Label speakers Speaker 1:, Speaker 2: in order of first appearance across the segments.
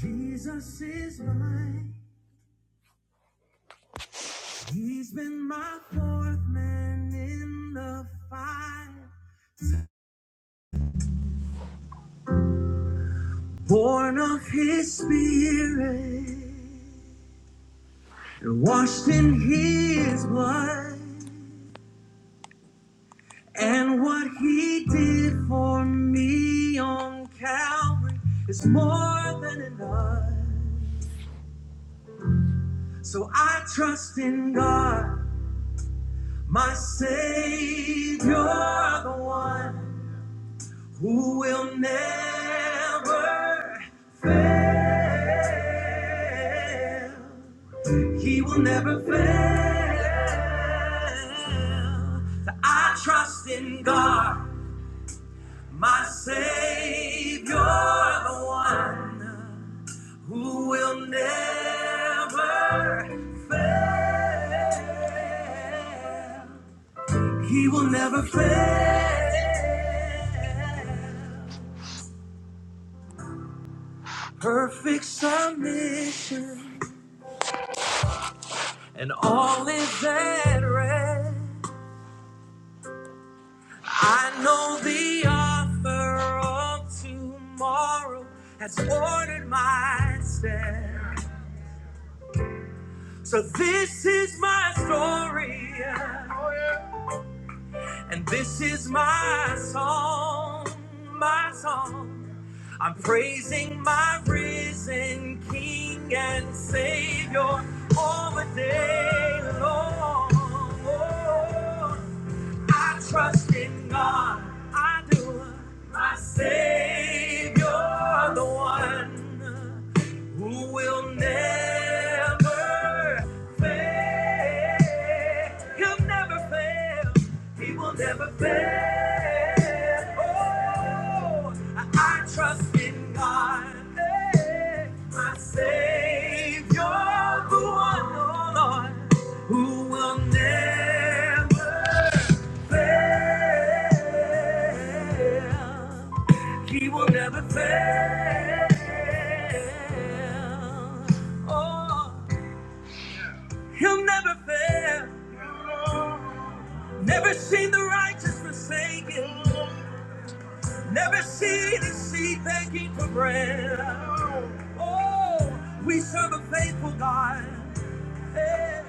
Speaker 1: Jesus is mine. He's been my fourth man in the fire, born of his spirit, washed in his blood, and what he did for me on Calvary is more than enough. So I trust in God, my Savior, the one. who will never fail. He will never fail. So I trust in God, my Savior, the one who will never fail. He will never fail. Perfect submission. and all is at rest. I know the author of tomorrow has ordered my steps. So this is my story, yeah. and this is my song, my song. I'm praising my risen King and Savior all the day long. Oh, I trust in God. I do. My Savior, the one who will never fail. He'll never fail. He will never fail. Oh, I, I trust in God, hey, my Savior, the one, oh Lord, who will never fail. He will never fail. Oh, he'll never fail. Never seen the righteous forsaken. Never seen his seed begging for bread. Oh, we serve a faithful God. Hey.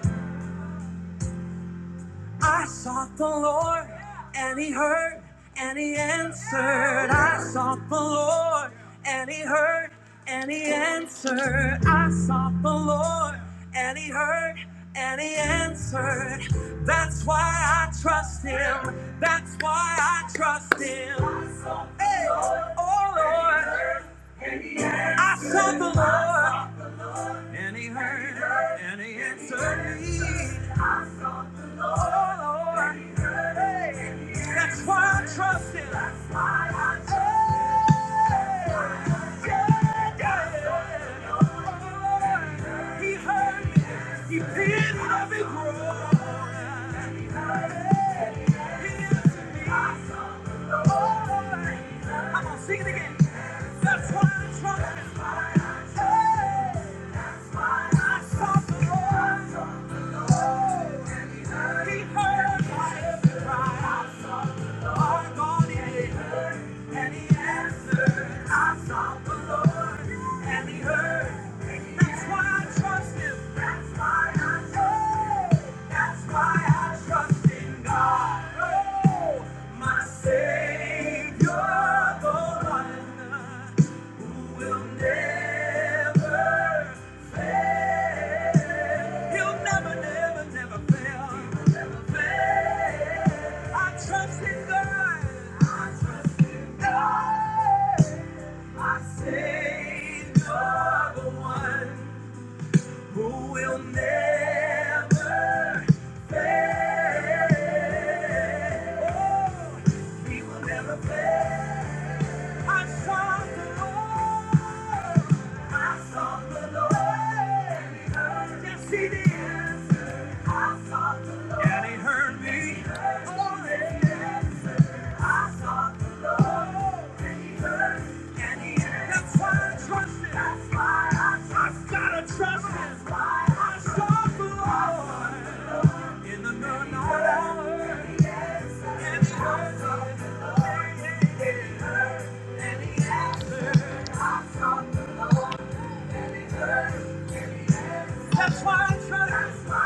Speaker 1: I sought the Lord, and He heard, and He answered. I sought the Lord, and He heard, and He answered. I sought the Lord, and He heard, and He answered. That's why I trust Him. That's why I trust Him. Hey, oh Lord, I sought the Lord. Any hurt, any injury. I sought the Lord. Oh, Lord. Any Hey, That's why I trust Him. That's why I trust Him. Hey, yeah, yeah. Oh, He heard me. He did let groan. Any hurt, any the Lord. Oh, Lord. I'm gonna sing it again. That's why I trust Him. That's why I trust in God. My Savior, the one who will never fail. He'll never, never, never fail. I trust in God. I trust in God. My Savior, the one who will never fail. Oh, he will never fail. I sought the Lord. I sought the Lord. And he heard. Yes, I sought the Lord. And he heard me. Oh, yes. That's why I trust him. That's why I I've gotta trust him. I I the Lord. In the night hour, it's hard to and he answered, I sought the and he heard. That's why I trust. That's why I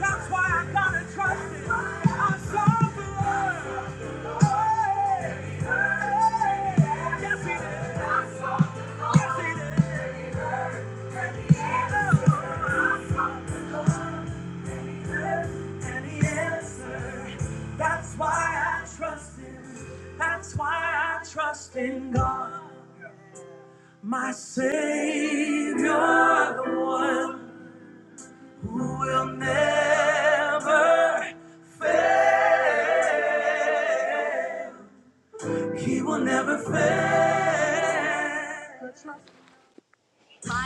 Speaker 1: that's why I gotta trust it. I saw the Lord. Oh, hey, hey. yes, He did. I saw the Lord. Yes, He did. And He answered. And He answered. That's why I trust Him. That's why I trust in God, my Savior, the one who will never fail. He will never fail.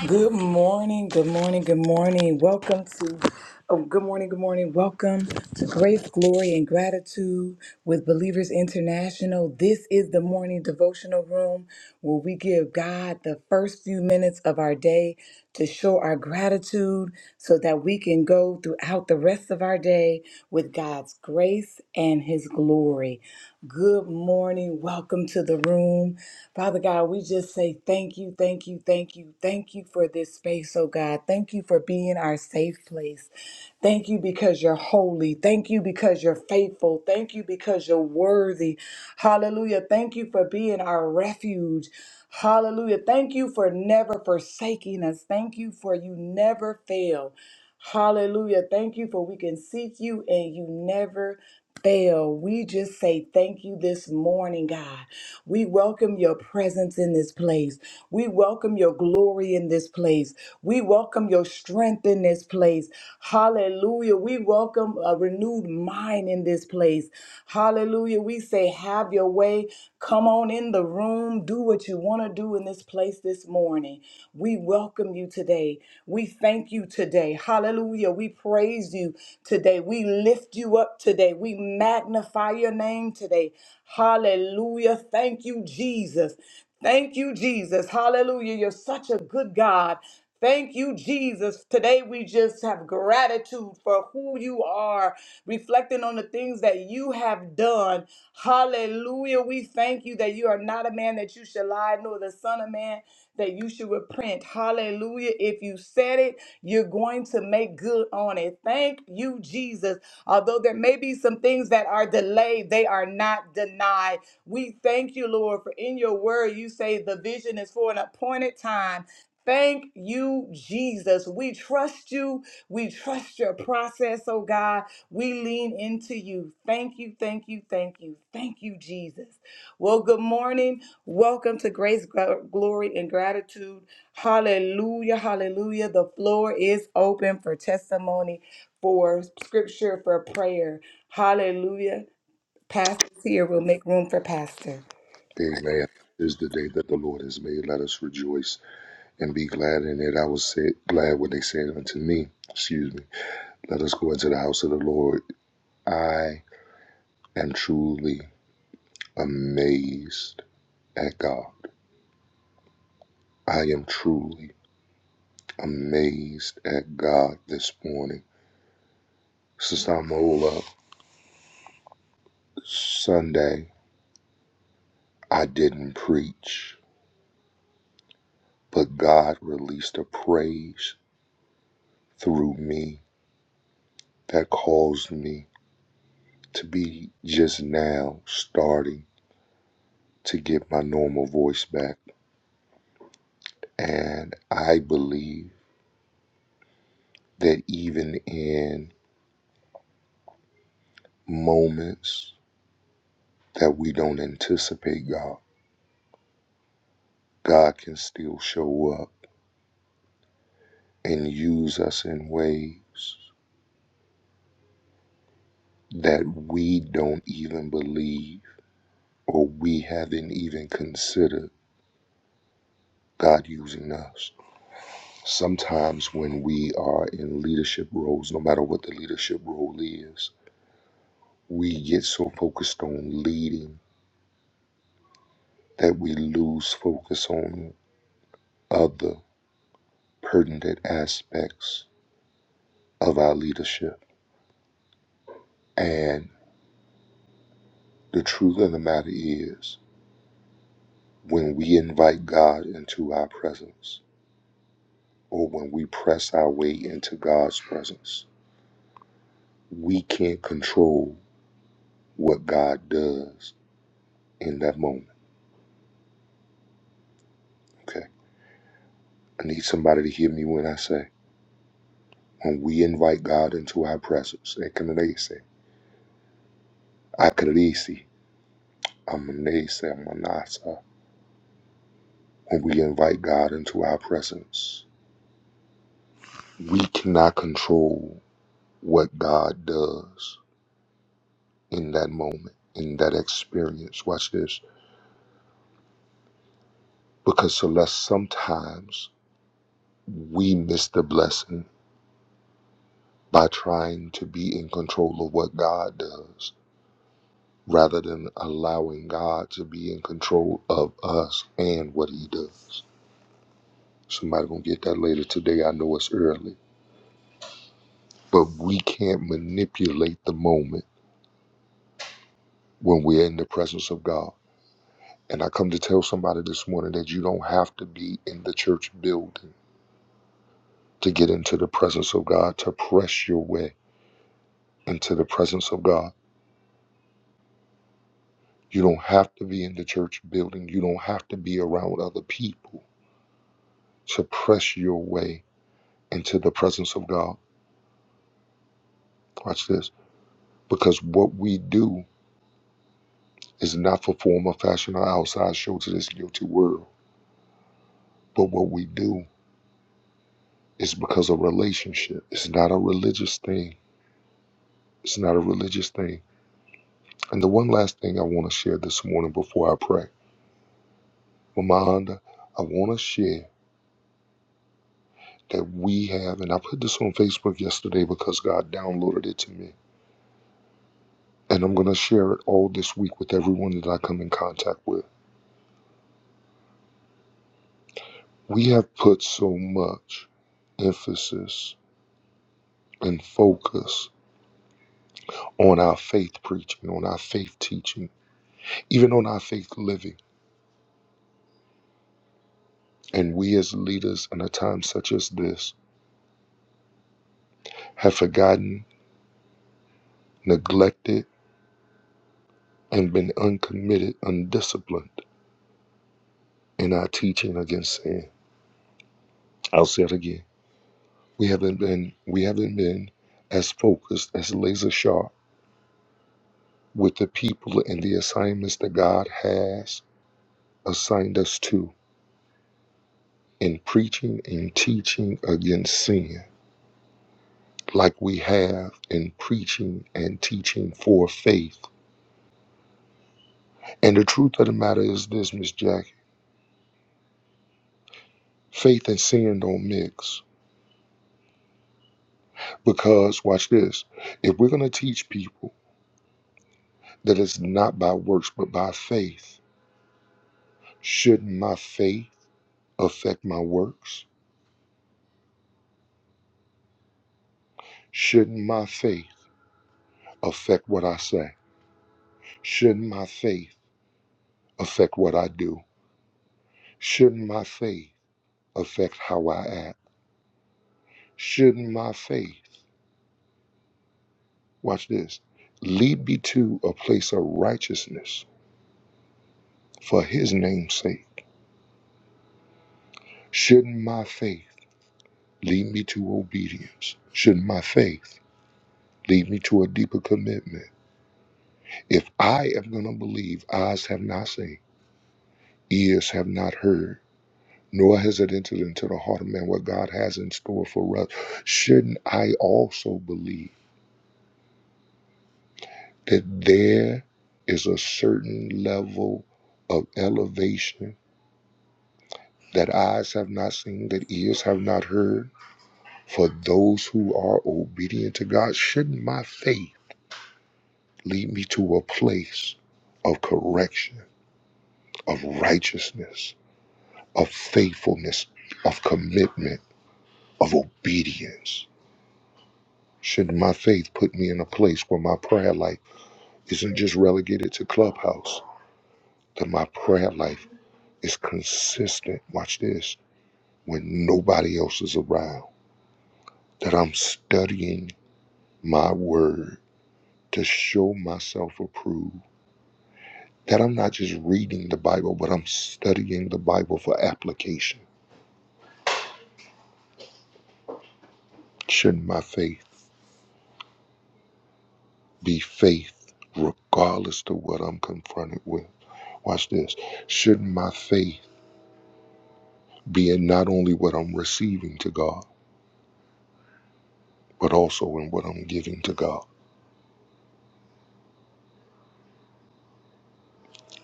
Speaker 1: Good morning, good morning, good morning. Welcome to, oh, good morning, good morning. Welcome to Grace, Glory, and Gratitude with Believers International. This is the morning devotional room where we give God the first few minutes of our day to show our gratitude so that we can go throughout the rest of our day with God's grace and His glory. Good morning. Welcome to the room. Father God, we just say thank you, thank you, thank you, thank you for this space, oh God. Thank you for being our safe place. Thank you because you're holy. Thank you because you're faithful. Thank you because you're worthy. Hallelujah. Thank you for being our refuge. Hallelujah. Thank you for never forsaking us. Thank you for you never fail. Hallelujah. Thank you for we can seek you and you never fail. We just say thank you this morning, God. We welcome your presence in this place. We welcome your glory in this place. We welcome your strength in this place. Hallelujah. We welcome a renewed mind in this place. Hallelujah. We say, have your way. Come on in the room. Do what you want to do in this place this morning. We welcome you today. We thank you today. Hallelujah. We praise you today. We lift you up today. We magnify your name today. Hallelujah. Thank you, Jesus. Thank you, Jesus. Hallelujah. You're such a good God. Thank you, Jesus. Today we just have gratitude for who you are, reflecting on the things that you have done. Hallelujah. We thank you that you are not a man that you should lie, nor the son of man that you should repent. Hallelujah. If you said it, you're going to make good on it. Thank you, Jesus. Although there may be some things that are delayed, they are not denied. We thank you, Lord, for in your word you say the vision is for an appointed time Thank you, Jesus. We trust you. We trust your process, oh God. We lean into you. Thank you, thank you, thank you, thank you, Jesus. Well, good morning. Welcome to Grace, Gl- Glory, and Gratitude. Hallelujah, hallelujah. The floor is open for testimony, for scripture, for prayer. Hallelujah. Pastor's here. We'll make room for Pastor.
Speaker 2: Amen. This is the day that the Lord has made. Let us rejoice and be glad in it. I was said, glad when they said unto me, excuse me, let us go into the house of the Lord. I am truly amazed at God. I am truly amazed at God this morning. Sister Amola, Sunday, I didn't preach, but God released a praise through me that caused me to be just now starting to get my normal voice back. And I believe that even in moments that we don't anticipate God, God can still show up and use us in ways that we don't even believe or we haven't even considered God using us. Sometimes when we are in leadership roles, no matter what the leadership role is, we get so focused on leading that we lose focus on other pertinent aspects of our leadership. And the truth of the matter is, when we invite God into our presence, or when we press our way into God's presence, we can't control what God does in that moment. Okay. I need somebody to hear me when I say, when we invite God into our presence, they can they say, I'm a When we invite God into our presence, we cannot control what God does in that moment, in that experience. Watch this. Because Celeste, sometimes we miss the blessing by trying to be in control of what God does rather than allowing God to be in control of us and what he does. Somebody gonna get that later today. I know it's early. But we can't manipulate the moment when we're in the presence of God. And I come to tell somebody this morning that you don't have to be in the church building to get into the presence of God, to press your way into the presence of God. You don't have to be in the church building. You don't have to be around other people to press your way into the presence of God. Watch this. Because what we do is not for form or fashion or outside show to this guilty world. But what we do is because of relationship. It's not a religious thing. It's not a religious thing. And the one last thing I want to share this morning before I pray, Mama Honda, I want to share that we have, and I put this on Facebook yesterday because God downloaded it to me. And I'm going to share it all this week with everyone that I come in contact with. We have put so much emphasis and focus on our faith preaching, on our faith teaching, even on our faith living. And we as leaders in a time such as this have forgotten, neglected, and been uncommitted, undisciplined in our teaching against sin. I'll say it again. We haven't been we haven't been as focused, as laser sharp with the people and the assignments that God has assigned us to in preaching and teaching against sin, like we have in preaching and teaching for faith. And the truth of the matter is this, Miss Jackie. Faith and sin don't mix. Because watch this. If we're gonna teach people that it's not by works but by faith. Shouldn't my faith affect my works? Shouldn't my faith affect what I say? Shouldn't my faith affect what I do? Shouldn't my faith affect how I act? Shouldn't my faith, watch this, lead me to a place of righteousness for his name's sake? Shouldn't my faith lead me to obedience? Shouldn't my faith lead me to a deeper commitment? If I am going to believe, eyes have not seen, ears have not heard, nor has it entered into the heart of man what God has in store for us, shouldn't I also believe that there is a certain level of elevation that eyes have not seen, that ears have not heard, for those who are obedient to God? Shouldn't my faith lead me to a place of correction, of righteousness? of faithfulness, of commitment, of obedience. Should my faith put me in a place where my prayer life isn't just relegated to clubhouse, that my prayer life is consistent, watch this, when nobody else is around, that I'm studying my word to show myself approved, that I'm not just reading the Bible, but I'm studying the Bible for application. Should my faith be faith regardless to what I'm confronted with? Watch this. Shouldn't my faith be in not only what I'm receiving to God, but also in what I'm giving to God?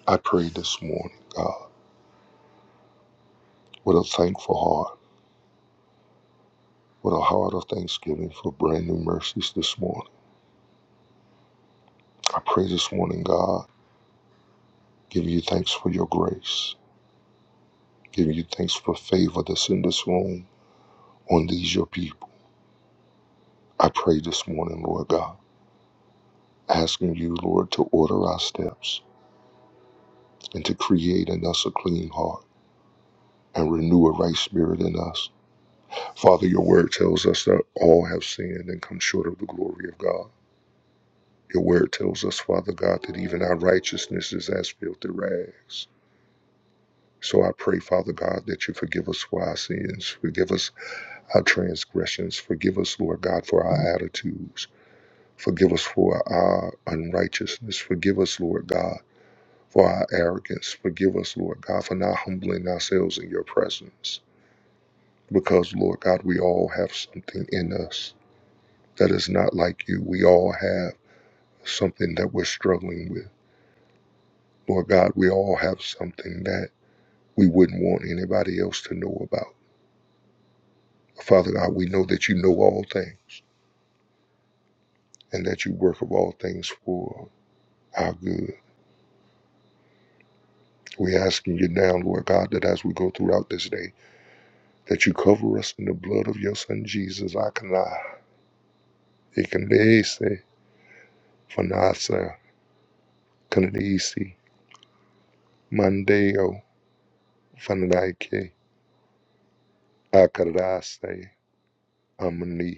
Speaker 2: I pray this morning, God, with a thankful heart, with a heart of thanksgiving for brand new mercies this morning. I pray this morning, God, giving you thanks for your grace, giving you thanks for favor that's in this room on these your people. I pray this morning, Lord God, asking you, Lord, to order our steps and to create in us a clean heart and renew a right spirit in us. Father, your word tells us that all have sinned and come short of the glory of God. Your word tells us, Father God, that even our righteousness is as filthy rags. So I pray, Father God, that you forgive us for our sins, forgive us our transgressions, forgive us, Lord God, for our attitudes, forgive us for our unrighteousness, forgive us, Lord God, for our arrogance, forgive us, Lord God, for not humbling ourselves in your presence. Because, Lord God, we all have something in us that is not like you. We all have something that we're struggling with. Lord God, we all have something that we wouldn't want anybody else to know about. Father God, we know that you know all things and that you work of all things for our good. We're asking you now, Lord God, that as we go throughout this day, that you cover us in the blood of your son Jesus. Akana, Ikanese, Fanasa, Kanadisi, Mandeo, Fanadaike, Akarase, amani.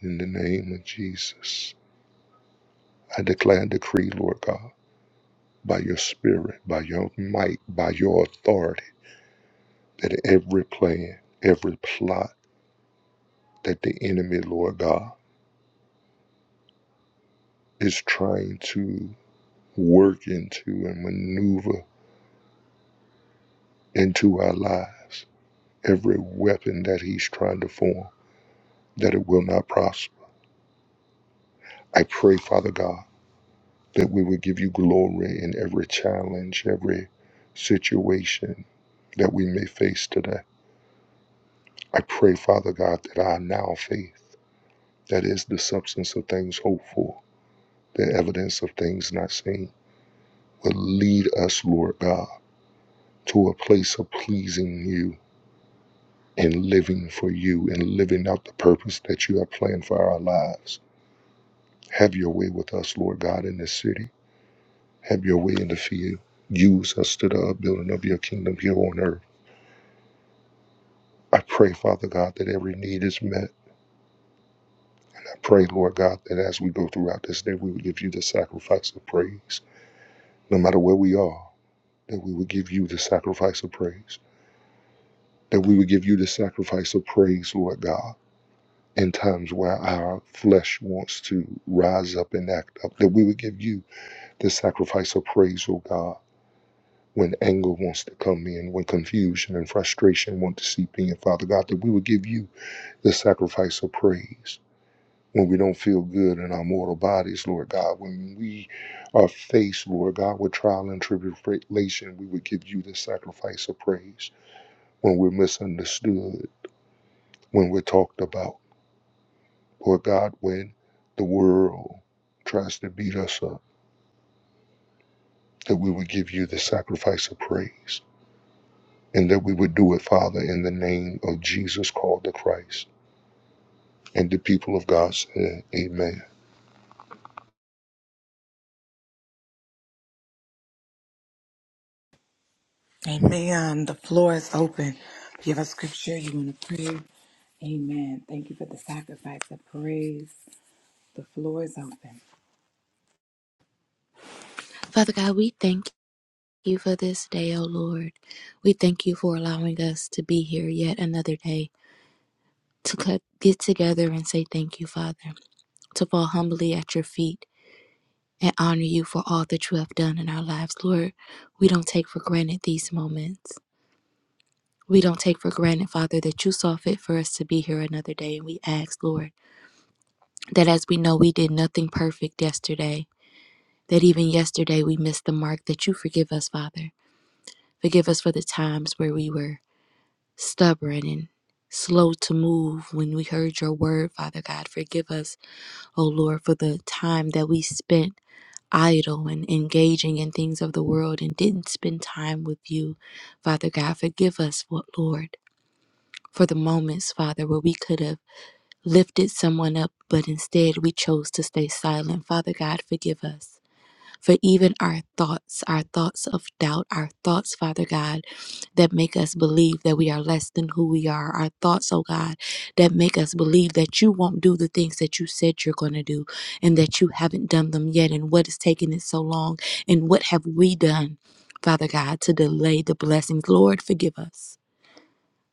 Speaker 2: In the name of Jesus, I declare and decree, Lord God, by your spirit, by your might, by your authority, that every plan, every plot that the enemy, Lord God, is trying to work into and maneuver into our lives, every weapon that he's trying to form, that it will not prosper. I pray, Father God, that we will give you glory in every challenge, every situation that we may face today I pray, Father God, that our now faith, that is the substance of things hoped for, the evidence of things not seen, will lead us, Lord God, to a place of pleasing you and living for you and living out the purpose that you have planned for our lives. Have your way with us, Lord God, in this city. Have your way in the field. Use us to the upbuilding of your kingdom here on earth. I pray, Father God, that every need is met. I pray, Lord God, that as we go throughout this day, we will give you the sacrifice of praise. no matter where we are, that we would give you the sacrifice of praise, that we would give you the sacrifice of praise, Lord God, in times where our flesh wants to rise up and act up, that we would give you the sacrifice of praise, O God. When anger wants to come in, when confusion and frustration want to seep in, Father God, that we would give you the sacrifice of praise when we don't feel good in our mortal bodies, Lord God, when we are faced, Lord God, with trial and tribulation, we would give you the sacrifice of praise. When we're misunderstood, when we're talked about, Lord God, when the world tries to beat us up, that we would give you the sacrifice of praise. And that we would do it, Father, in the name of Jesus called the Christ. And the people of God said, Amen.
Speaker 1: Amen. The floor is open. If you have a scripture you want to pray, amen. Thank you for the sacrifice of praise. The floor is open.
Speaker 3: Father God, we thank you for this day, O Lord. We thank you for allowing us to be here yet another day, to co- get together and say thank you, Father, to fall humbly at your feet and honor you for all that you have done in our lives, Lord. We don't take for granted these moments. We don't take for granted, Father, that you saw fit for us to be here another day. And we ask, Lord, that as we know we did nothing perfect yesterday, that even yesterday we missed the mark, that you forgive us, Father. Forgive us for the times where we were stubborn and slow to move when we heard your word, Father God. Forgive us, O Lord, for the time that we spent idle and engaging in things of the world and didn't spend time with you, Father God. Forgive us, Lord, for the moments, Father, where we could have lifted someone up, but instead we chose to stay silent. Father God, forgive us for even our thoughts, our thoughts of doubt, our thoughts, Father God, that make us believe that we are less than who we are, our thoughts, oh God, that make us believe that you won't do the things that you said you're going to do and that you haven't done them yet, and what is taking it so long, and what have we done, Father God, to delay the blessings. Lord, forgive us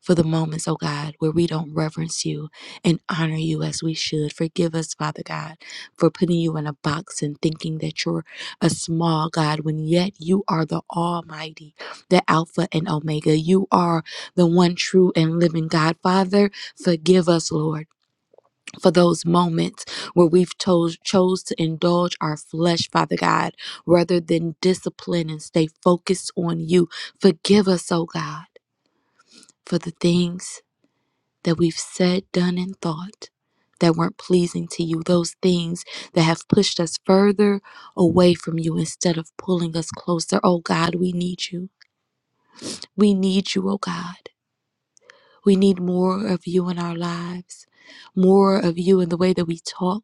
Speaker 3: for the moments, oh God, where we don't reverence you and honor you as we should. Forgive us, Father God, for putting you in a box and thinking that you're a small God when yet you are the Almighty, the Alpha and Omega. You are the one true and living God. Father, forgive us, Lord. For those moments where we've chose, chose to indulge our flesh, Father God, rather than discipline and stay focused on you, forgive us, oh God, for the things that we've said, done, and thought that weren't pleasing to you, those things that have pushed us further away from you instead of pulling us closer. Oh God, we need you. We need you, oh God. We need more of you in our lives, more of you in the way that we talk,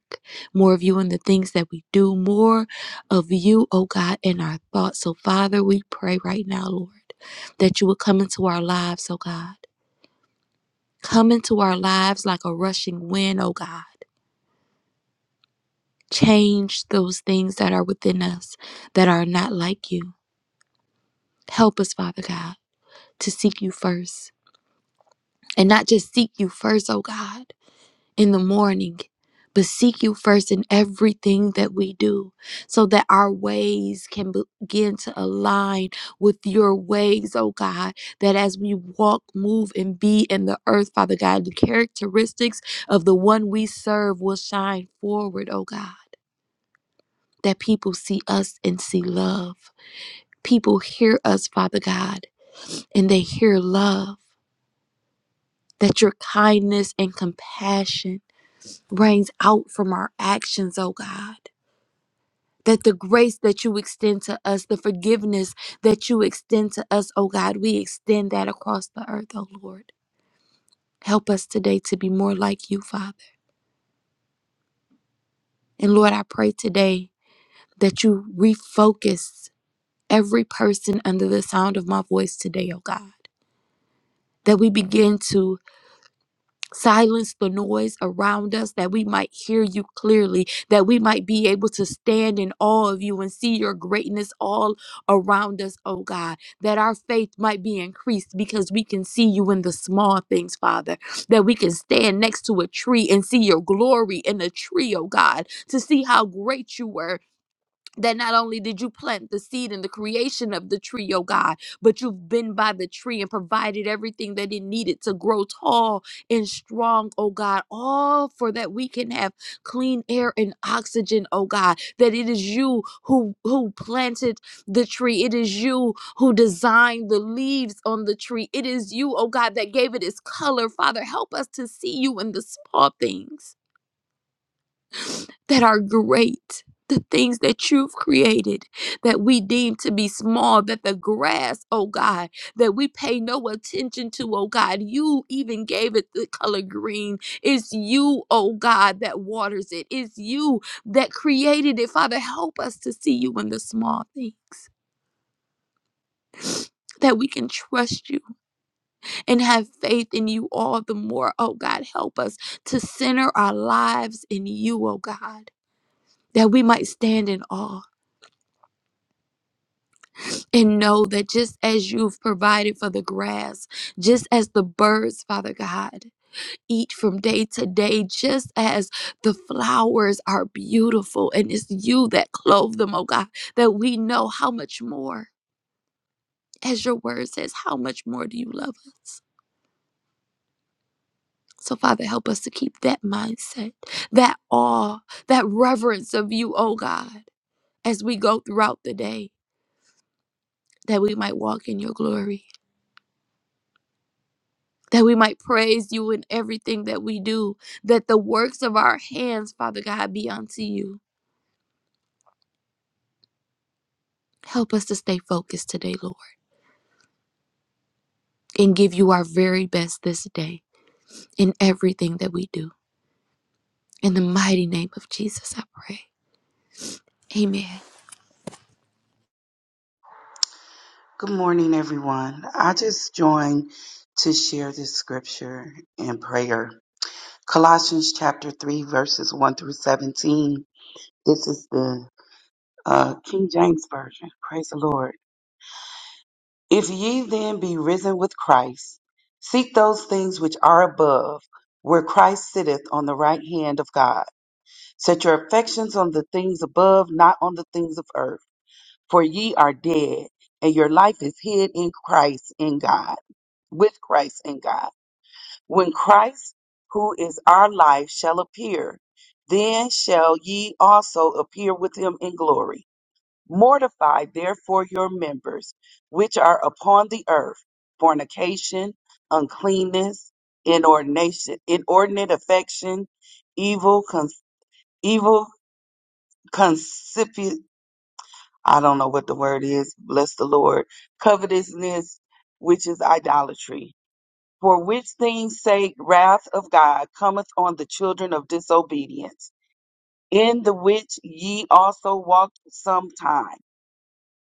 Speaker 3: more of you in the things that we do, more of you, oh God, in our thoughts. So, Father, we pray right now, Lord, that you would come into our lives, oh God. Come into our lives like a rushing wind, oh God. Change those things that are within us that are not like you. Help us, Father God, to seek you first. And not just seek you first, oh God, in the morning, but seek you first in everything that we do so that our ways can begin to align with your ways, oh God. That as we walk, move, and be in the earth, Father God, the characteristics of the one we serve will shine forward, oh God. That people see us and see love people hear us, Father God, and they hear love, that your kindness and compassion brings out from our actions, oh God. That the grace that you extend to us, the forgiveness that you extend to us, oh God, we extend that across the earth, oh Lord. Help us today to be more like you, Father. And Lord, I pray today that you refocus every person under the sound of my voice today, oh God. That we begin to Silence the noise around us that we might hear you clearly, that we might be able to stand in awe of you and see your greatness all around us, oh God. That our faith might be increased because we can see you in the small things, Father. That we can stand next to a tree and see your glory in a tree, oh God, to see how great you were, that not only did you plant the seed in the creation of the tree, oh God, but you've been by the tree and provided everything that it needed to grow tall and strong, oh God, all for that we can have clean air and oxygen, oh God, that it is you who who planted the tree. It is you who designed the leaves on the tree. It is you, oh God, that gave it its color. Father, help us to see you in the small things that are great, the things that you've created that we deem to be small, that the grass, oh God, that we pay no attention to, oh God. You even gave it the color green. It's you, oh God, that waters it. It's you that created it. Father, help us to see you in the small things. That we can trust you and have faith in you all the more. Oh God, help us to center our lives in you, oh God, that we might stand in awe and know that just as you've provided for the grass, just as the birds, Father God, eat from day to day, just as the flowers are beautiful and it's you that clothe them, oh God, that we know how much more, as your word says, how much more do you love us? So, Father, help us to keep that mindset, that awe, that reverence of you, oh God, as we go throughout the day, that we might walk in your glory. that we might praise you in everything that we do, that the works of our hands, Father God, be unto you. Help us to stay focused today, Lord, and give you our very best this day in everything that we do. In the mighty name of Jesus, I pray. Amen.
Speaker 4: Good morning, everyone. I just joined to share this scripture and prayer. Colossians chapter 3, verses 1 through 17. This is the uh, King James Version. Praise the Lord. If ye then be risen with Christ, seek those things which are above, where Christ sitteth on the right hand of God. Set your affections on the things above, not on the things of earth. For ye are dead, and your life is hid in Christ in God. with Christ in God. When Christ, who is our life, shall appear, then shall ye also appear with him in glory. Mortify therefore your members which are upon the earth fornication, uncleanness, inordination, inordinate affection, evil, con- evil, concupiscence. I don't know what the word is. Bless the Lord. Covetousness, which is idolatry For which things sake wrath of God cometh on the children of disobedience, in the which ye also walked sometime,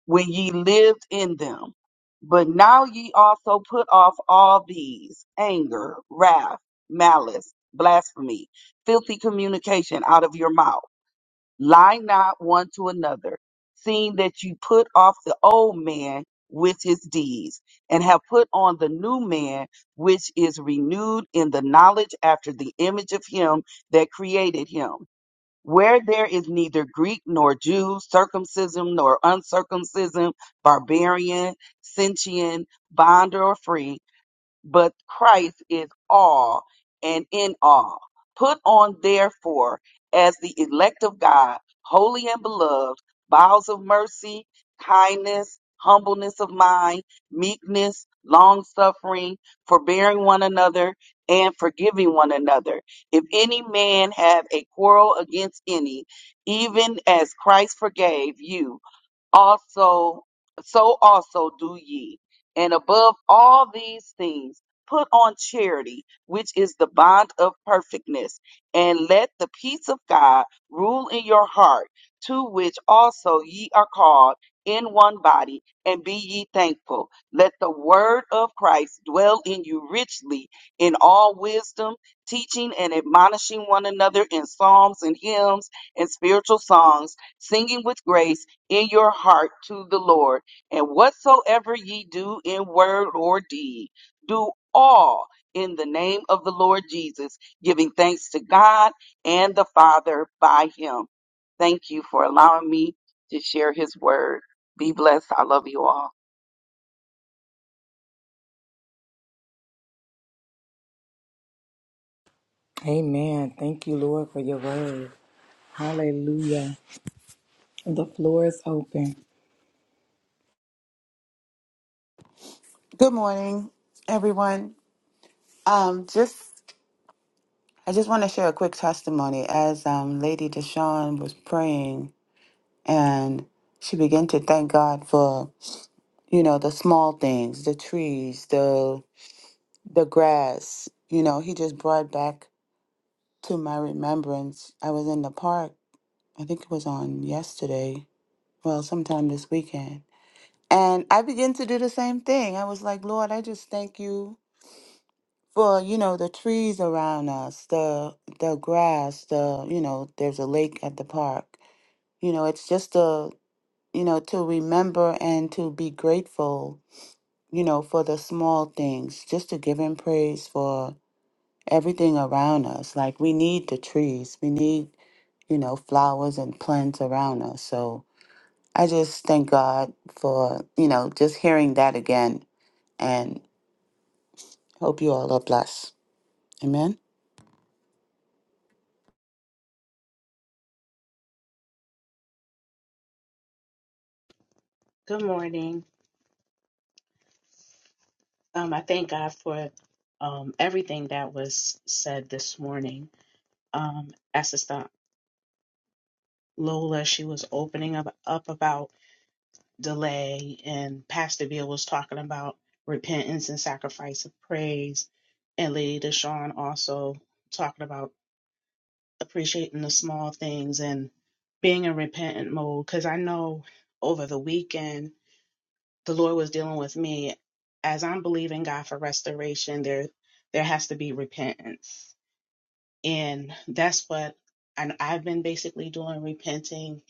Speaker 4: when ye lived in them. But now ye also put off all these anger, wrath, malice, blasphemy, filthy communication out of your mouth Lie not one to another, seeing that you put off the old man with his deeds, and have put on the new man, which is renewed in the knowledge after the image of him that created him. Where there is neither Greek nor Jew, circumcision nor uncircumcision, barbarian, Scythian, bond or free, but Christ is all and in all. Put on, therefore, as the elect of God, holy and beloved, bowels of mercy, kindness, humbleness of mind, meekness, long suffering, forbearing one another, and forgiving one another. If any man have a quarrel against any, even as Christ forgave you, also so also do ye and above all these things put on charity which is the bond of perfectness and let the peace of god rule in your heart to which also ye are called in one body and be ye thankful let the word of christ dwell in you richly in all wisdom teaching and admonishing one another in psalms and hymns and spiritual songs singing with grace in your heart to the Lord. And whatsoever ye do in word or deed, do all in the name of the Lord Jesus, giving thanks to God and the Father by him. Thank you for allowing me to share his word. Be blessed. I love you all.
Speaker 1: Amen. Thank you, Lord, for your word. Hallelujah. The floor is open.
Speaker 5: Good morning, everyone. Um, just I just want to share a quick testimony as um, Lady Deshawn was praying and she began to thank God for you know the small things, the trees, the the grass. You know, He just brought back to my remembrance. I was in the park. I think it was on yesterday. Well, sometime this weekend. And I began to do the same thing. I was like, Lord, I just thank you for you know the trees around us the the grass the you know there's a lake at the park you know it's just a you know to remember and to be grateful you know for the small things just to give him praise for everything around us like we need the trees we need you know flowers and plants around us so i just thank god for you know just hearing that again and hope you all are blessed Amen.
Speaker 6: Good morning. Um, I thank God for um, everything that was said this morning. Um, Assistant Lola, she was opening up, up about delay, and Pastor Bill was talking about repentance and sacrifice of praise, and Lady Deshawn also talking about appreciating the small things and being in repentant mode. Because I know over the weekend the Lord was dealing with me as I'm believing God for restoration, there there has to be repentance. And that's what and I've been basically doing repenting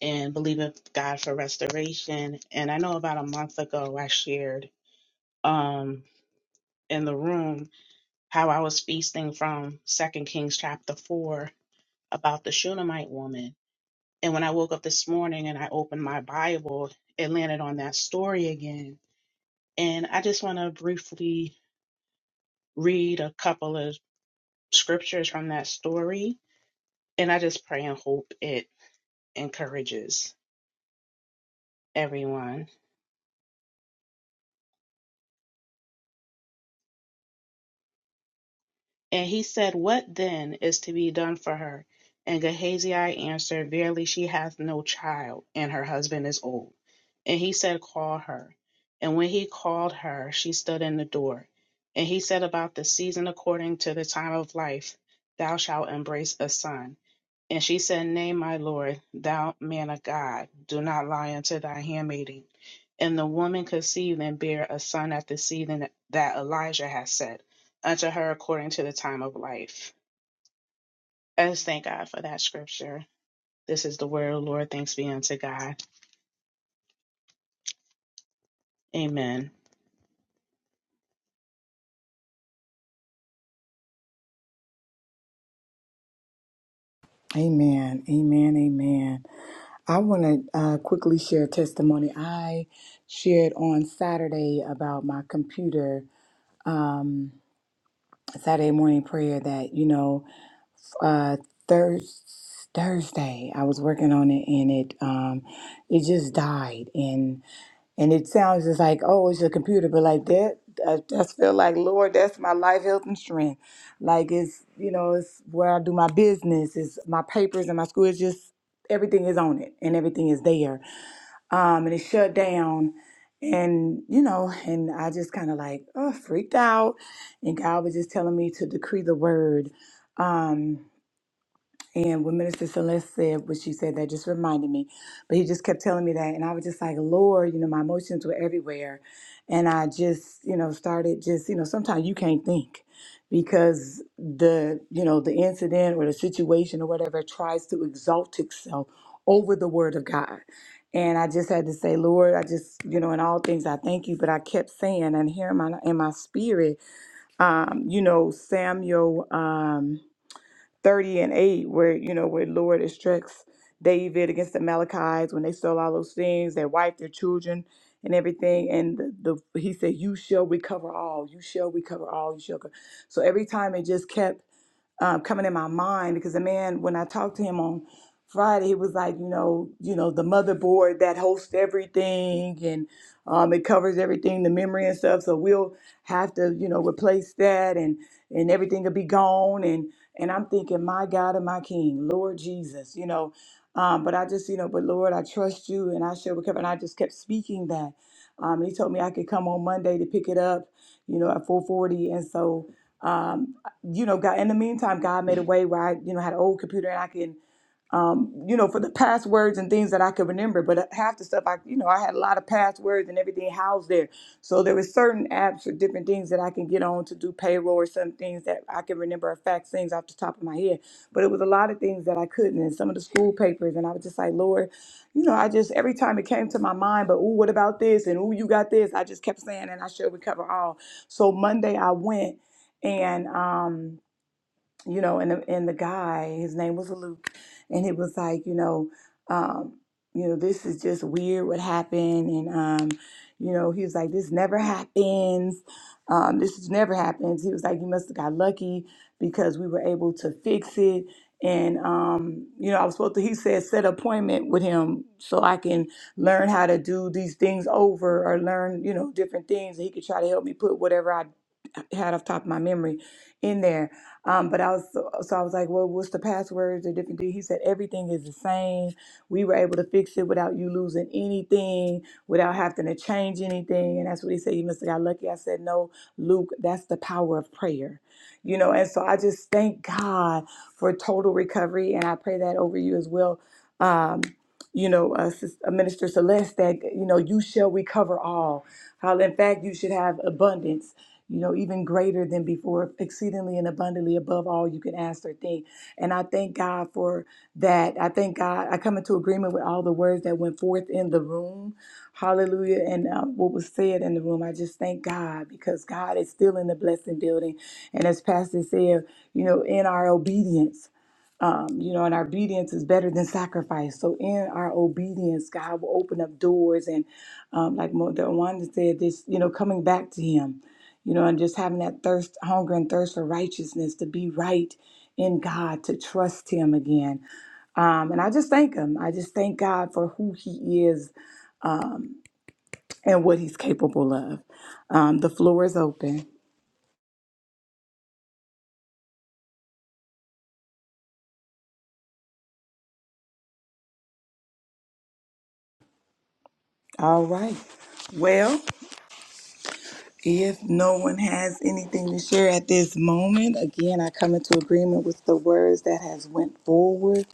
Speaker 6: and believing God for restoration. And I know about a month ago I shared um in the room how I was feasting from Second Kings chapter four about the Shunammite woman. And when I woke up this morning and I opened my Bible, it landed on that story again. And I just want to briefly read a couple of scriptures from that story, and I just pray and hope it encourages everyone. And he said, What then is to be done for her? And Gehazi answered, Verily she hath no child, and her husband is old. And he said, Call her. And when he called her, she stood in the door. And he said, About the season according to the time of life, thou shalt embrace a son. And she said, Nay, my lord, thou man of God, do not lie unto thy handmaiden. And the woman conceived and bare a son at the season that Elijah had set unto her according to the time of life. I just thank God for that scripture. This is the word of the Lord. Thanks be unto God. Amen.
Speaker 1: Amen. Amen. Amen. I want to uh, quickly share a testimony. I shared on Saturday about my computer um, Saturday morning prayer that, you know, uh, Thurs Thursday. I was working on it, and it um, it just died. And and it sounds just like oh, it's a computer, but like that, I just feel like Lord, that's my life, health, and strength. Like it's you know, it's where I do my business, it's my papers and my school. It's just everything is on it, and everything is there. Um, and it shut down. And you know, and I just kind of like oh, freaked out, and God was just telling me to decree the word. Um, and when Minister Celeste said what she said, that just reminded me. But he just kept telling me that. And I was just like, Lord, you know, my emotions were everywhere. And I just, you know, started just, you know, sometimes you can't think because the, you know, the incident or the situation or whatever tries to exalt itself over the word of God. And I just had to say, Lord, I just, you know, in all things I thank you. But I kept saying and hearing my in my spirit, um, you know, Samuel. Um, 30 and 8 where you know where lord instructs david against the malachites when they stole all those things their wife their children and everything and the, the he said you shall recover all you shall recover all you shall co-" so every time it just kept um, coming in my mind because the man when i talked to him on friday he was like you know you know the motherboard that hosts everything and um, it covers everything the memory and stuff so we'll have to you know replace that and and everything will be gone and I'm thinking, my God and my King, Lord Jesus, you know. Um, but I just, you know, but Lord, I trust you and I shall recover. And I just kept speaking that. Um, and he told me I could come on Monday to pick it up, you know, at 440. And so, um, you know, God, in the meantime, God made a way where I, you know, had an old computer and I can um, you know, for the passwords and things that I could remember. But uh, half the stuff I, you know, I had a lot of passwords and everything housed there. So there was certain apps or different things that I can get on to do payroll or some things that I can remember or fact things off the top of my head. But it was a lot of things that I couldn't and some of the school papers. And I was just like, Lord, you know, I just, every time it came to my mind, but ooh, what about this? And ooh, you got this. I just kept saying, and I should recover all. So Monday I went and, um, you know, and the, and the guy, his name was Luke, and he was like, you know, um, you know, this is just weird what happened, and um, you know, he was like, this never happens, um, this is never happens. He was like, you must have got lucky because we were able to fix it, and um, you know, I was supposed to. He said set an appointment with him so I can learn how to do these things over or learn, you know, different things. and He could try to help me put whatever I had off top of my memory in there um, but I was so so I was like, well, what's the passwords or different thing? He said everything is the same. We were able to fix it without you losing anything, without having to change anything. And that's what he said. You must have got lucky. I said, no, Luke, that's the power of prayer. You know, and so I just thank God for total recovery, and I pray that over you as well. Um, you know, uh, Sis- uh, Minister Celeste, that you know you shall recover all. How in fact you should have abundance you know, even greater than before, exceedingly and abundantly above all you can ask or think. And I thank God for that. I thank God. I come into agreement with all the words that went forth in the room. Hallelujah. And um, what was said in the room. I just thank God because God is still in the blessing building. And as Pastor said, you know, in our obedience, um, you know, and our obedience is better than sacrifice. So in our obedience, God will open up doors and, um, like Mo- the one that said, this, you know, coming back to Him you know, and just having that thirst, hunger, and thirst for righteousness to be right in God, to trust Him again. Um, and I just thank Him. I just thank God for who He is um, and what He's capable of. Um, the floor is open. All right. Well, if no one has anything to share at this moment, again, I come into agreement with the words that has went forward.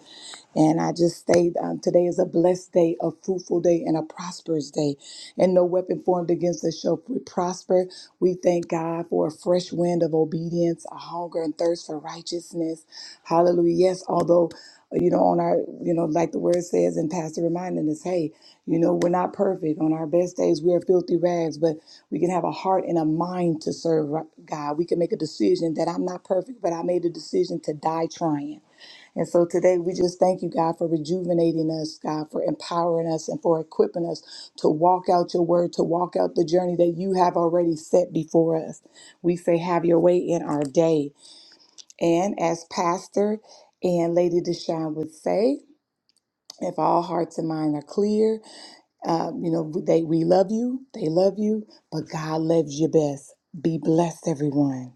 Speaker 1: And I just stayed. Um, today is a blessed day, a fruitful day, and a prosperous day. And no weapon formed against us shall prosper. We thank God for a fresh wind of obedience, a hunger and thirst for righteousness. Hallelujah. Yes, although, uh, you know, on our, you know, like the word says, and Pastor reminding us, hey, you know, we're not perfect. On our best days, we are filthy rags, but we can have a heart and a mind to serve uh, God. We can make a decision that I'm not perfect, but I made a decision to die trying. And so today we just thank you, God, for rejuvenating us, God, for empowering us and for equipping us to walk out your word, to walk out the journey that you have already set before us. We say, have your way in our day. And as Pastor and Lady Deshawn would say, if all hearts and minds are clear, uh, you know, they, we love you, they love you, but God loves you best. Be blessed, everyone.